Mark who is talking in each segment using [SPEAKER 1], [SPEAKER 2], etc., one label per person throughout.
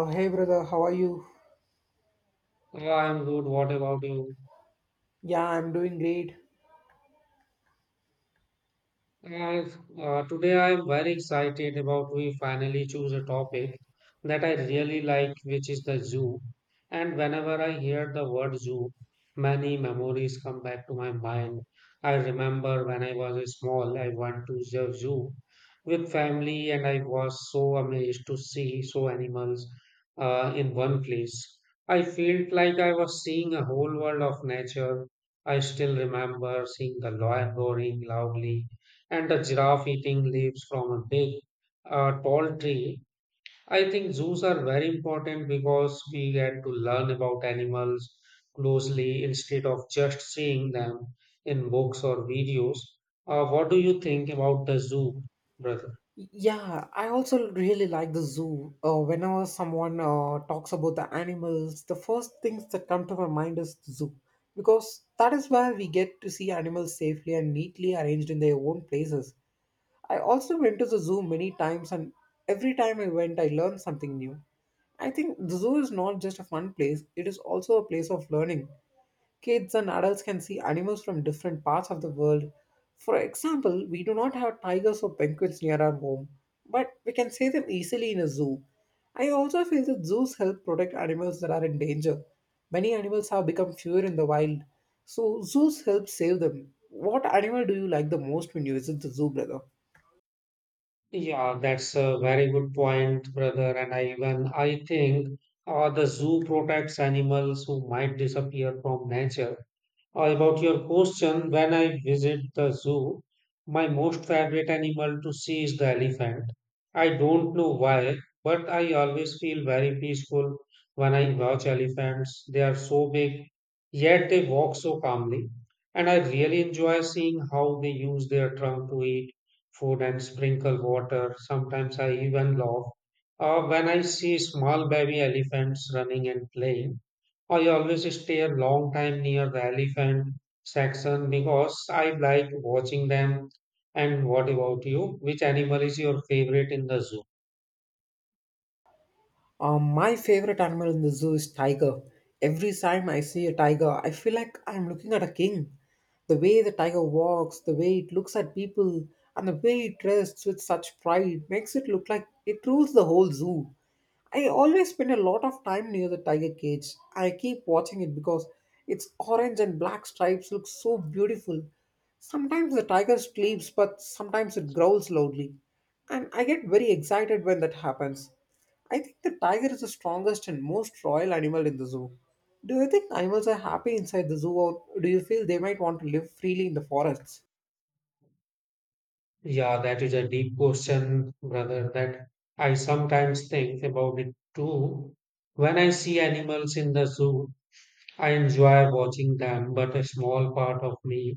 [SPEAKER 1] Oh, hey brother, how are you?
[SPEAKER 2] I am good. What about you?
[SPEAKER 1] Yeah, I'm doing great.
[SPEAKER 2] And Today I am very excited about we finally choose a topic that I really like, which is the zoo. And whenever I hear the word zoo, many memories come back to my mind. I remember when I was small, I went to the zoo with family, and I was so amazed to see so animals in one place. I felt like I was seeing a whole world of nature. I still remember seeing the lion roaring loudly and a giraffe eating leaves from a big, tall tree. I think zoos are very important because we get to learn about animals closely instead of just seeing them in books or videos. What do you think about the zoo, brother?
[SPEAKER 1] Yeah, I also really like the zoo. Whenever someone talks about the animals, the first things that come to my mind is the zoo. Because that is where we get to see animals safely and neatly arranged in their own places. I also went to the zoo many times, and every time I went, I learned something new. I think the zoo is not just a fun place, it is also a place of learning. Kids and adults can see animals from different parts of the world. For example, we do not have tigers or penguins near our home, but we can see them easily in a zoo. I also feel that zoos help protect animals that are in danger. Many animals have become fewer in the wild, so zoos help save them. What animal do you like the most when you visit the zoo, brother?
[SPEAKER 2] Yeah, that's a very good point, brother. And I think the zoo protects animals who might disappear from nature. About your question, when I visit the zoo, my most favorite animal to see is the elephant. I don't know why, but I always feel very peaceful when I watch elephants. They are so big, yet they walk so calmly. And I really enjoy seeing how they use their trunk to eat food and sprinkle water. Sometimes I even laugh when I see small baby elephants running and playing. I always stay a long time near the elephant section because I like watching them. And what about you? Which animal is your favorite in the zoo?
[SPEAKER 1] My favorite animal in the zoo is tiger. Every time I see a tiger, I feel like I'm looking at a king. The way the tiger walks, the way it looks at people, and the way it dresses with such pride makes it look like it rules the whole zoo. I always spend a lot of time near the tiger cage. I keep watching it because its orange and black stripes look so beautiful. Sometimes the tiger sleeps, but sometimes it growls loudly. And I get very excited when that happens. I think the tiger is the strongest and most royal animal in the zoo. Do you think animals are happy inside the zoo, or do you feel they might want to live freely in the forests?
[SPEAKER 2] Yeah, that is a deep question, brother, that I sometimes think about it too. When I see animals in the zoo, I enjoy watching them, but a small part of me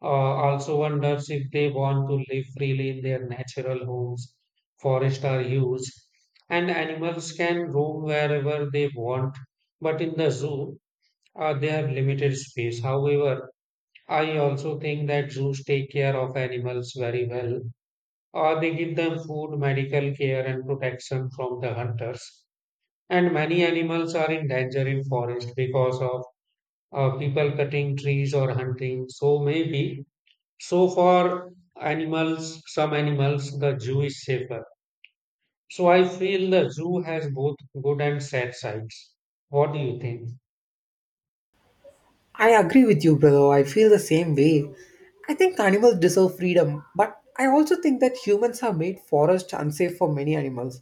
[SPEAKER 2] also wonders if they want to live freely in their natural homes. Forests are huge, and animals can roam wherever they want. But in the zoo, they have limited space. However, I also think that zoos take care of animals very well. They give them food, medical care, and protection from the hunters. And many animals are in danger in forest because of people cutting trees or hunting. So for animals, some animals, the zoo is safer. So I feel the zoo has both good and sad sides. What do you think?
[SPEAKER 1] I agree with you, brother. I feel the same way. I think animals deserve freedom, but I also think that humans have made forests unsafe for many animals.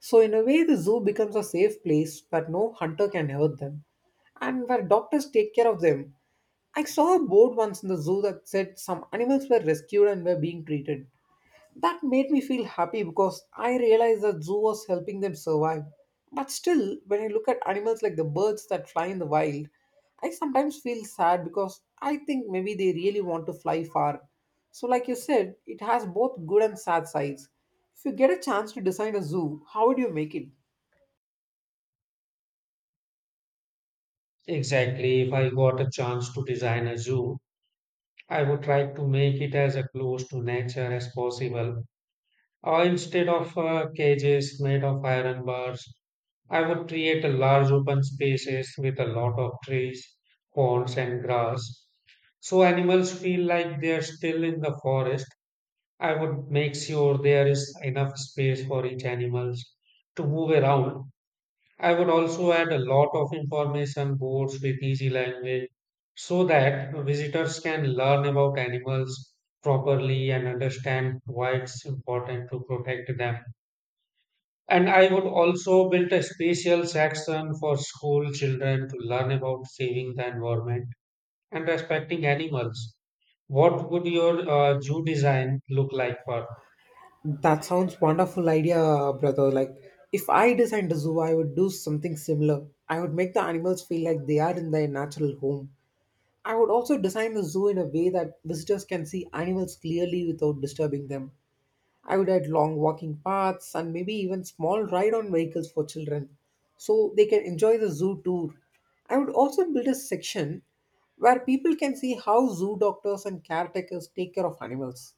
[SPEAKER 1] So, in a way, the zoo becomes a safe place where no hunter can hurt them and where doctors take care of them. I saw a board once in the zoo that said some animals were rescued and were being treated. That made me feel happy because I realized that zoo was helping them survive. But still, when I look at animals like the birds that fly in the wild, I sometimes feel sad because I think maybe they really want to fly far. So, like you said, it has both good and sad sides. If you get a chance to design a zoo, how would you make it?
[SPEAKER 2] Exactly. If I got a chance to design a zoo, I would try to make it as close to nature as possible. Or instead of cages made of iron bars, I would create a large open spaces with a lot of trees, ponds, and grass. So animals feel like they are still in the forest. I would make sure there is enough space for each animal to move around. I would also add a lot of information boards with easy language so that visitors can learn about animals properly and understand why it's important to protect them. And I would also build a special section for school children to learn about saving the environment and respecting animals. What would your zoo design look like, Parth?
[SPEAKER 1] That sounds wonderful idea, brother. Like, if I designed a zoo, I would do something similar. I would make the animals feel like they are in their natural home. I would also design the zoo in a way that visitors can see animals clearly without disturbing them. I would add long walking paths and maybe even small ride on vehicles for children so they can enjoy the zoo tour. I would also build a section where people can see how zoo doctors and caretakers take care of animals.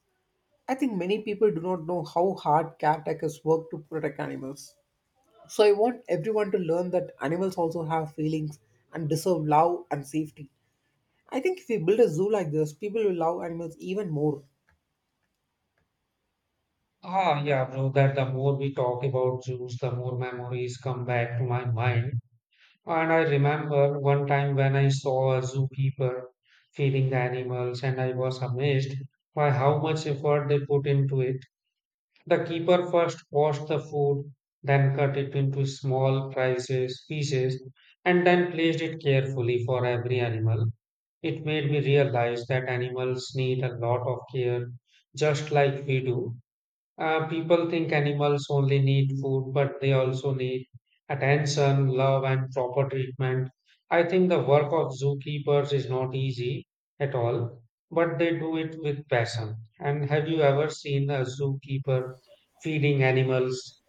[SPEAKER 1] I think many people do not know how hard caretakers work to protect animals. So I want everyone to learn that animals also have feelings and deserve love and safety. I think if we build a zoo like this, people will love animals even more.
[SPEAKER 2] Ah, yeah, bro, that the more we talk about Zeus, the more memories come back to my mind. And I remember one time when I saw a zookeeper feeding the animals, and I was amazed by how much effort they put into it. The keeper first washed the food, then cut it into small pieces, and then placed it carefully for every animal. It made me realize that animals need a lot of care, just like we do. People think animals only need food, but they also need attention, love, and proper treatment. I think the work of zookeepers is not easy at all, but they do it with passion. And have you ever seen a zookeeper feeding animals?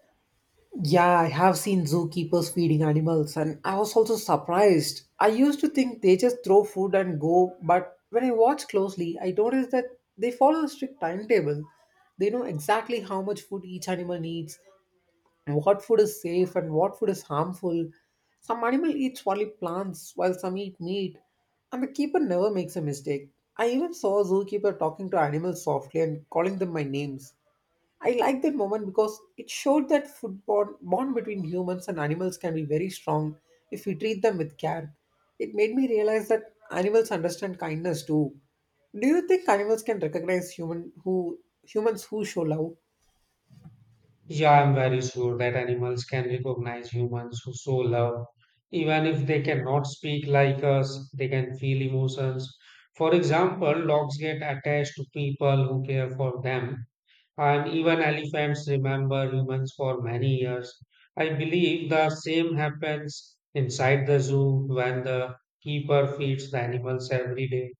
[SPEAKER 1] Yeah, I have seen zookeepers feeding animals, and I was also surprised. I used to think they just throw food and go, but when I watch closely, I noticed that they follow a strict timetable. They know exactly how much food each animal needs, what food is safe, and what food is harmful. Some animal eats only plants, while some eat meat, and the keeper never makes a mistake. I even saw a zookeeper talking to animals softly and calling them by names. I like that moment because it showed that bond between humans and animals can be very strong if we treat them with care. It made me realize that animals understand kindness too. Do you think animals can recognize humans who show love?
[SPEAKER 2] Yeah, I'm very sure that animals can recognize humans who show love. Even if they cannot speak like us, they can feel emotions. For example, dogs get attached to people who care for them. And even elephants remember humans for many years. I believe the same happens inside the zoo when the keeper feeds the animals every day,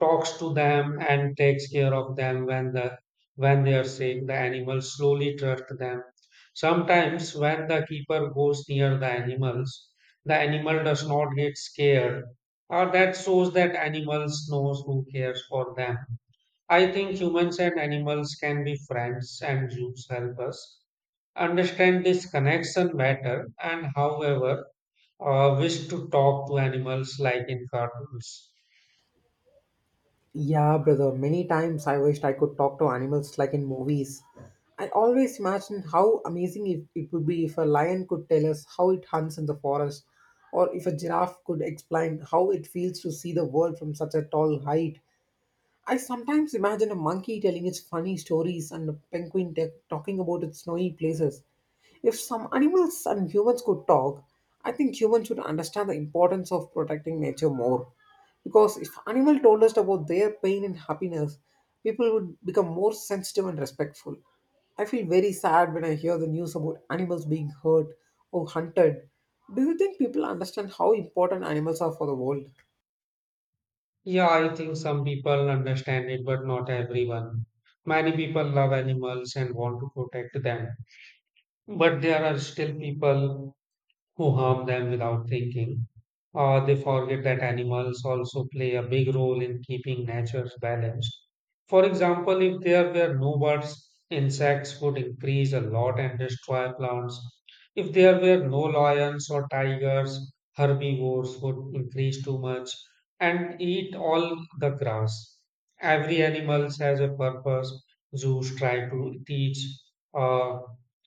[SPEAKER 2] talks to them and takes care of them when they are sick, the animals slowly trust them. Sometimes when the keeper goes near the animals, the animal does not get scared. Or that shows that animals knows who cares for them. I think humans and animals can be friends, and zoos help us understand this connection better and, however, wish to talk to animals like in cartoons.
[SPEAKER 1] Yeah, brother. Many times I wished I could talk to animals like in movies. I always imagine how amazing it would be if a lion could tell us how it hunts in the forest, or if a giraffe could explain how it feels to see the world from such a tall height. I sometimes imagine a monkey telling its funny stories and a penguin talking about its snowy places. If some animals and humans could talk, I think humans should understand the importance of protecting nature more. Because if animals told us about their pain and happiness, people would become more sensitive and respectful. I feel very sad when I hear the news about animals being hurt or hunted. Do you think people understand how important animals are for the world?
[SPEAKER 2] Yeah, I think some people understand it, but not everyone. Many people love animals and want to protect them, but there are still people who harm them without thinking. They forget that animals also play a big role in keeping nature balanced. For example, if there were no birds, insects would increase a lot and destroy plants. If there were no lions or tigers, herbivores would increase too much and eat all the grass. Every animal has a purpose. Zoos try to teach. Uh,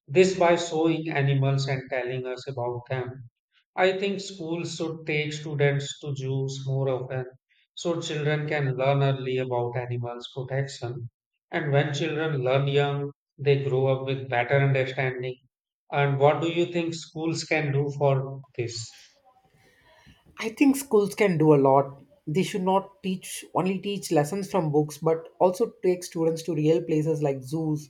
[SPEAKER 2] this by showing animals and telling us about them. I think schools should take students to zoos more often so children can learn early about animals protection. And when children learn young, they grow up with better understanding. And what do you think schools can do for this?
[SPEAKER 1] I think schools can do a lot. They should not teach only teach lessons from books, but also take students to real places like zoos.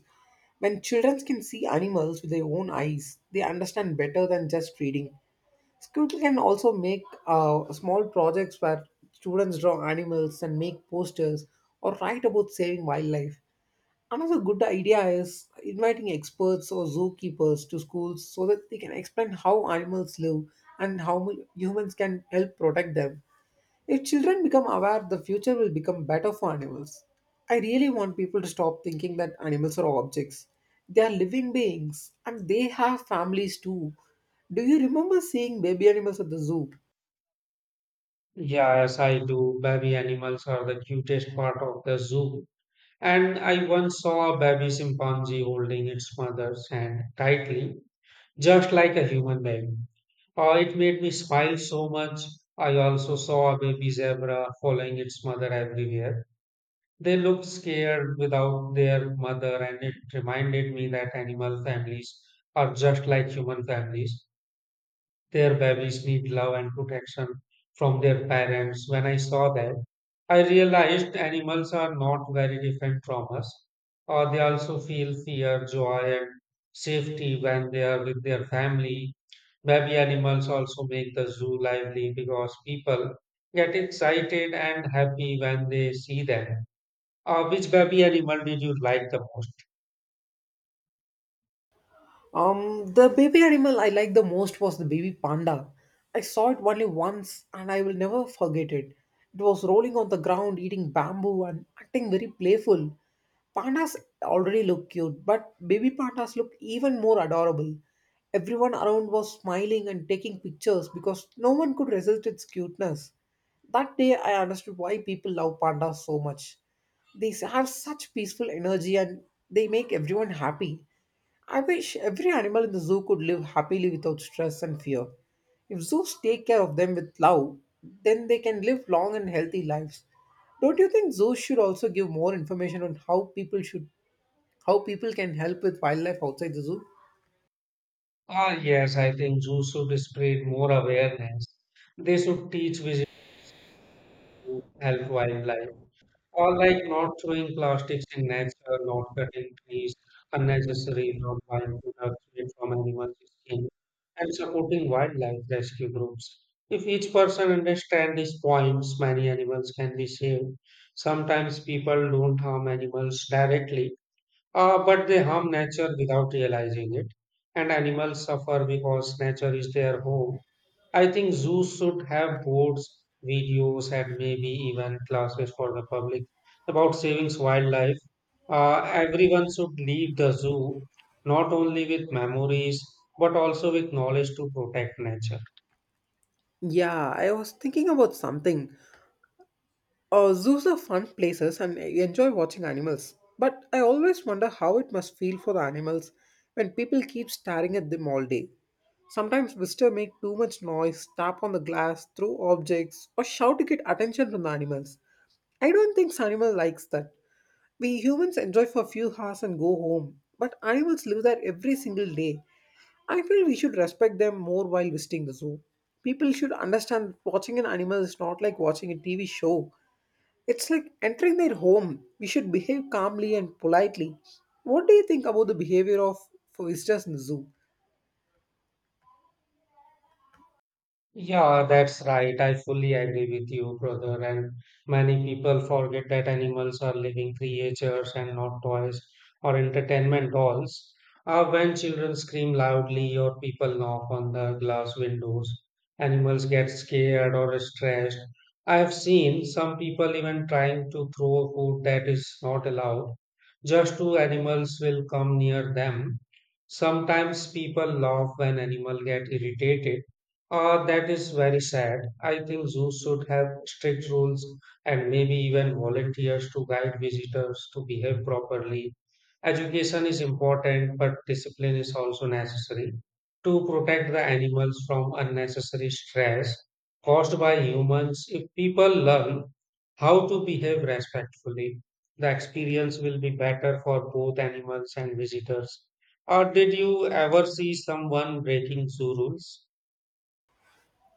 [SPEAKER 1] When children can see animals with their own eyes, they understand better than just reading. Schools can also make small projects where students draw animals and make posters or write about saving wildlife. Another good idea is inviting experts or zookeepers to schools so that they can explain how animals live and how humans can help protect them. If children become aware, the future will become better for animals. I really want people to stop thinking that animals are objects. They are living beings and they have families too. Do you remember seeing baby animals at the zoo?
[SPEAKER 2] Yeah, as I do, baby animals are the cutest part of the zoo. And I once saw a baby chimpanzee holding its mother's hand tightly just like a human being. It made me smile so much. I also saw a baby zebra following its mother everywhere. They looked scared without their mother, and it reminded me that animal families are just like human families. Their babies need love and protection from their parents. When I saw that, I realized animals are not very different from us. They also feel fear, joy, and safety when they are with their family. Baby animals also make the zoo lively because people get excited and happy when they see them. Which baby animal did you like the most?
[SPEAKER 1] The baby animal I liked the most was the baby panda. I saw it only once and I will never forget it. It was rolling on the ground, eating bamboo and acting very playful. Pandas already look cute, but baby pandas look even more adorable. Everyone around was smiling and taking pictures because no one could resist its cuteness. That day I understood why people love pandas so much. They have such peaceful energy and they make everyone happy. I wish every animal in the zoo could live happily without stress and fear. If zoos take care of them with love, then they can live long and healthy lives. Don't you think zoos should also give more information on how people can help with wildlife outside the zoo?
[SPEAKER 2] Ah, yes, I think zoos should spread more awareness. They should teach visitors. Help wildlife, or like not throwing plastics in nature, not cutting trees unnecessary, not buying products made from animals' skin, and supporting wildlife rescue groups. If each person understands these points, many animals can be saved. Sometimes people don't harm animals directly, but they harm nature without realizing it, and animals suffer because nature is their home. I think zoos should have boards, videos, and maybe even classes for the public about saving wildlife. Everyone should leave the zoo not only with memories but also with knowledge to protect nature.
[SPEAKER 1] Yeah, I was thinking about something. Zoos are fun places and I enjoy watching animals, but I always wonder how it must feel for the animals when people keep staring at them all day. Sometimes visitors make too much noise, tap on the glass, throw objects, or shout to get attention from the animals. I don't think animal likes that. We humans enjoy for a few hours and go home, but animals live there every single day. I feel we should respect them more while visiting the zoo. People should understand watching an animal is not like watching a TV show. It's like entering their home. We should behave calmly and politely. What do you think about the behavior of visitors in the zoo?
[SPEAKER 2] Yeah, that's right. I fully agree with you, brother. And many people forget that animals are living creatures and not toys or entertainment dolls. When children scream loudly or people knock on the glass windows, animals get scared or stressed. I have seen some people even trying to throw food that is not allowed, just two animals will come near them. Sometimes people laugh when animal get irritated. That is very sad. I think zoos should have strict rules and maybe even volunteers to guide visitors to behave properly. Education is important, but discipline is also necessary to protect the animals from unnecessary stress caused by humans. If people learn how to behave respectfully, the experience will be better for both animals and visitors. Or did you ever see someone breaking zoo rules?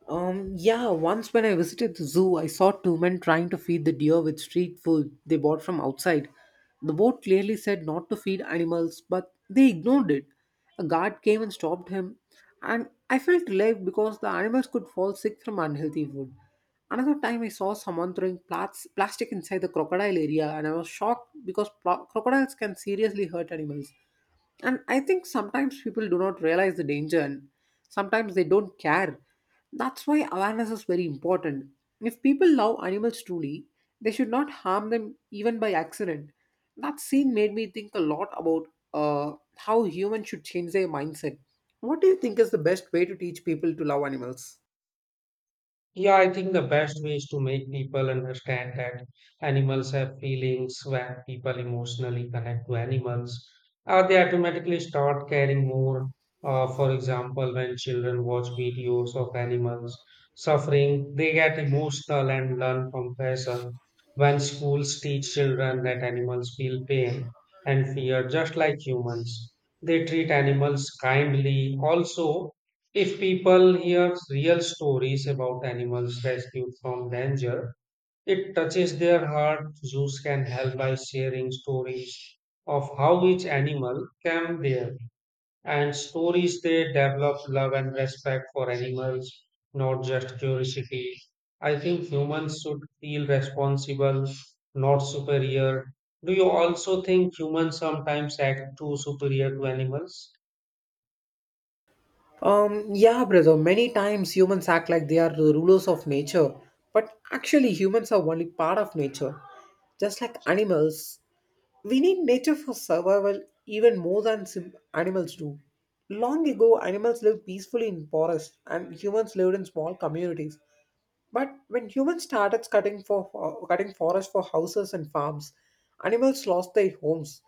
[SPEAKER 1] Yeah, once when I visited the zoo, I saw two men trying to feed the deer with street food they bought from outside. The board clearly said not to feed animals, but they ignored it. A guard came and stopped him, and I felt relieved because the animals could fall sick from unhealthy food. Another time, I saw someone throwing plastic inside the crocodile area, and I was shocked because crocodiles can seriously hurt animals. And I think sometimes people do not realize the danger and sometimes they don't care. That's why awareness is very important. If people love animals truly, they should not harm them even by accident. That scene made me think a lot about how humans should change their mindset. What do you think is the best way to teach people to love animals?
[SPEAKER 2] Yeah, I think the best way is to make people understand that animals have feelings. When people emotionally connect to animals, they automatically start caring more. For example, when children watch videos of animals suffering, they get emotional and learn compassion. When schools teach children that animals feel pain and fear just like humans, they treat animals kindly. Also, if people hear real stories about animals rescued from danger, it touches their heart. Zoos can help by sharing stories of how each animal came there and stories they develop love and respect for animals, not just curiosity. I think humans should feel responsible, not superior. Do you also think humans sometimes act too superior to animals?
[SPEAKER 1] Yeah, brother. Many times humans act like they are the rulers of nature, but actually humans are only part of nature. Just like animals, we need nature for survival even more than animals do. Long ago, animals lived peacefully in forests and humans lived in small communities. But when humans started cutting forests for houses and farms, animals lost their homes.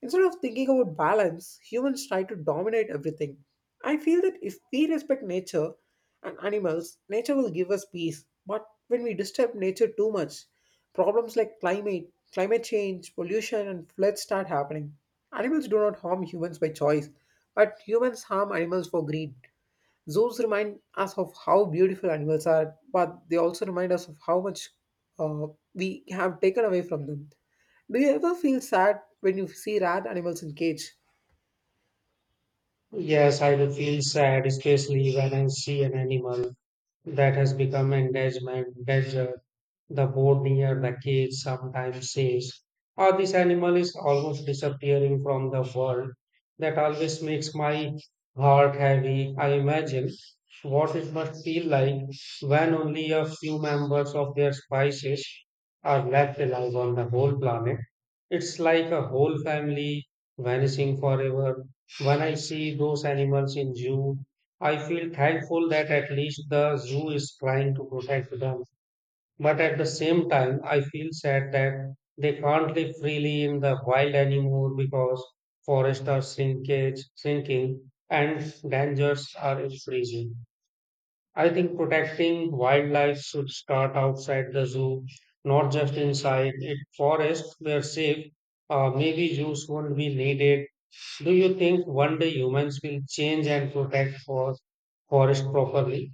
[SPEAKER 1] Instead of thinking about balance, humans try to dominate everything. I feel that if we respect nature and animals, nature will give us peace. But when we disturb nature too much, problems like climate change, pollution, and floods start happening. Animals do not harm humans by choice, but humans harm animals for greed. Zoos remind us of how beautiful animals are, but they also remind us of how much uh, we have taken away from them. Do you ever feel sad when you see rat animals in cage?
[SPEAKER 2] Yes, I do feel sad, especially when I see an animal that has become engagement desert. The board near the cage sometimes says, oh, this animal is almost disappearing from the world. That always makes my heart heavy. I imagine what it must feel like when only a few members of their species are left alive on the whole planet. It's like a whole family vanishing forever. When I see those animals in zoo, I feel thankful that at least the zoo is trying to protect them. But at the same time, I feel sad that they can't live freely in the wild anymore because forests are shrinking and dangers are increasing. I think protecting wildlife should start outside the zoo, not just inside it. Forests were safe. Maybe zoos won't be needed. Do you think one day humans will change and protect forest properly?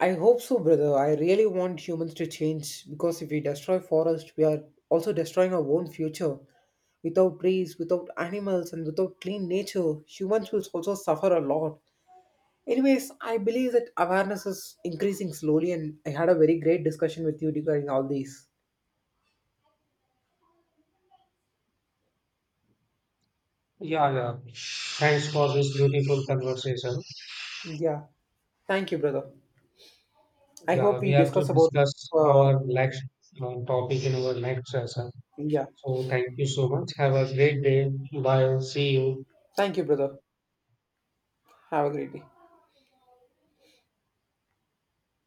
[SPEAKER 1] I hope so, brother. I really want humans to change because if we destroy forests, we are also destroying our own future. Without trees, without animals, and without clean nature, humans will also suffer a lot. Anyways, I believe that awareness is increasing slowly, and I had a very great discussion with you regarding all these.
[SPEAKER 2] Yeah, yeah, thanks for this beautiful conversation.
[SPEAKER 1] Yeah. Thank you, brother. I
[SPEAKER 2] Yeah,
[SPEAKER 1] hope
[SPEAKER 2] we
[SPEAKER 1] we
[SPEAKER 2] have to
[SPEAKER 1] discuss about.
[SPEAKER 2] discuss
[SPEAKER 1] Uh,
[SPEAKER 2] our next topic in our next session.
[SPEAKER 1] yeah.
[SPEAKER 2] So thank you so much. Have a great day. Bye. See you.
[SPEAKER 1] Thank you, brother. Have a great day.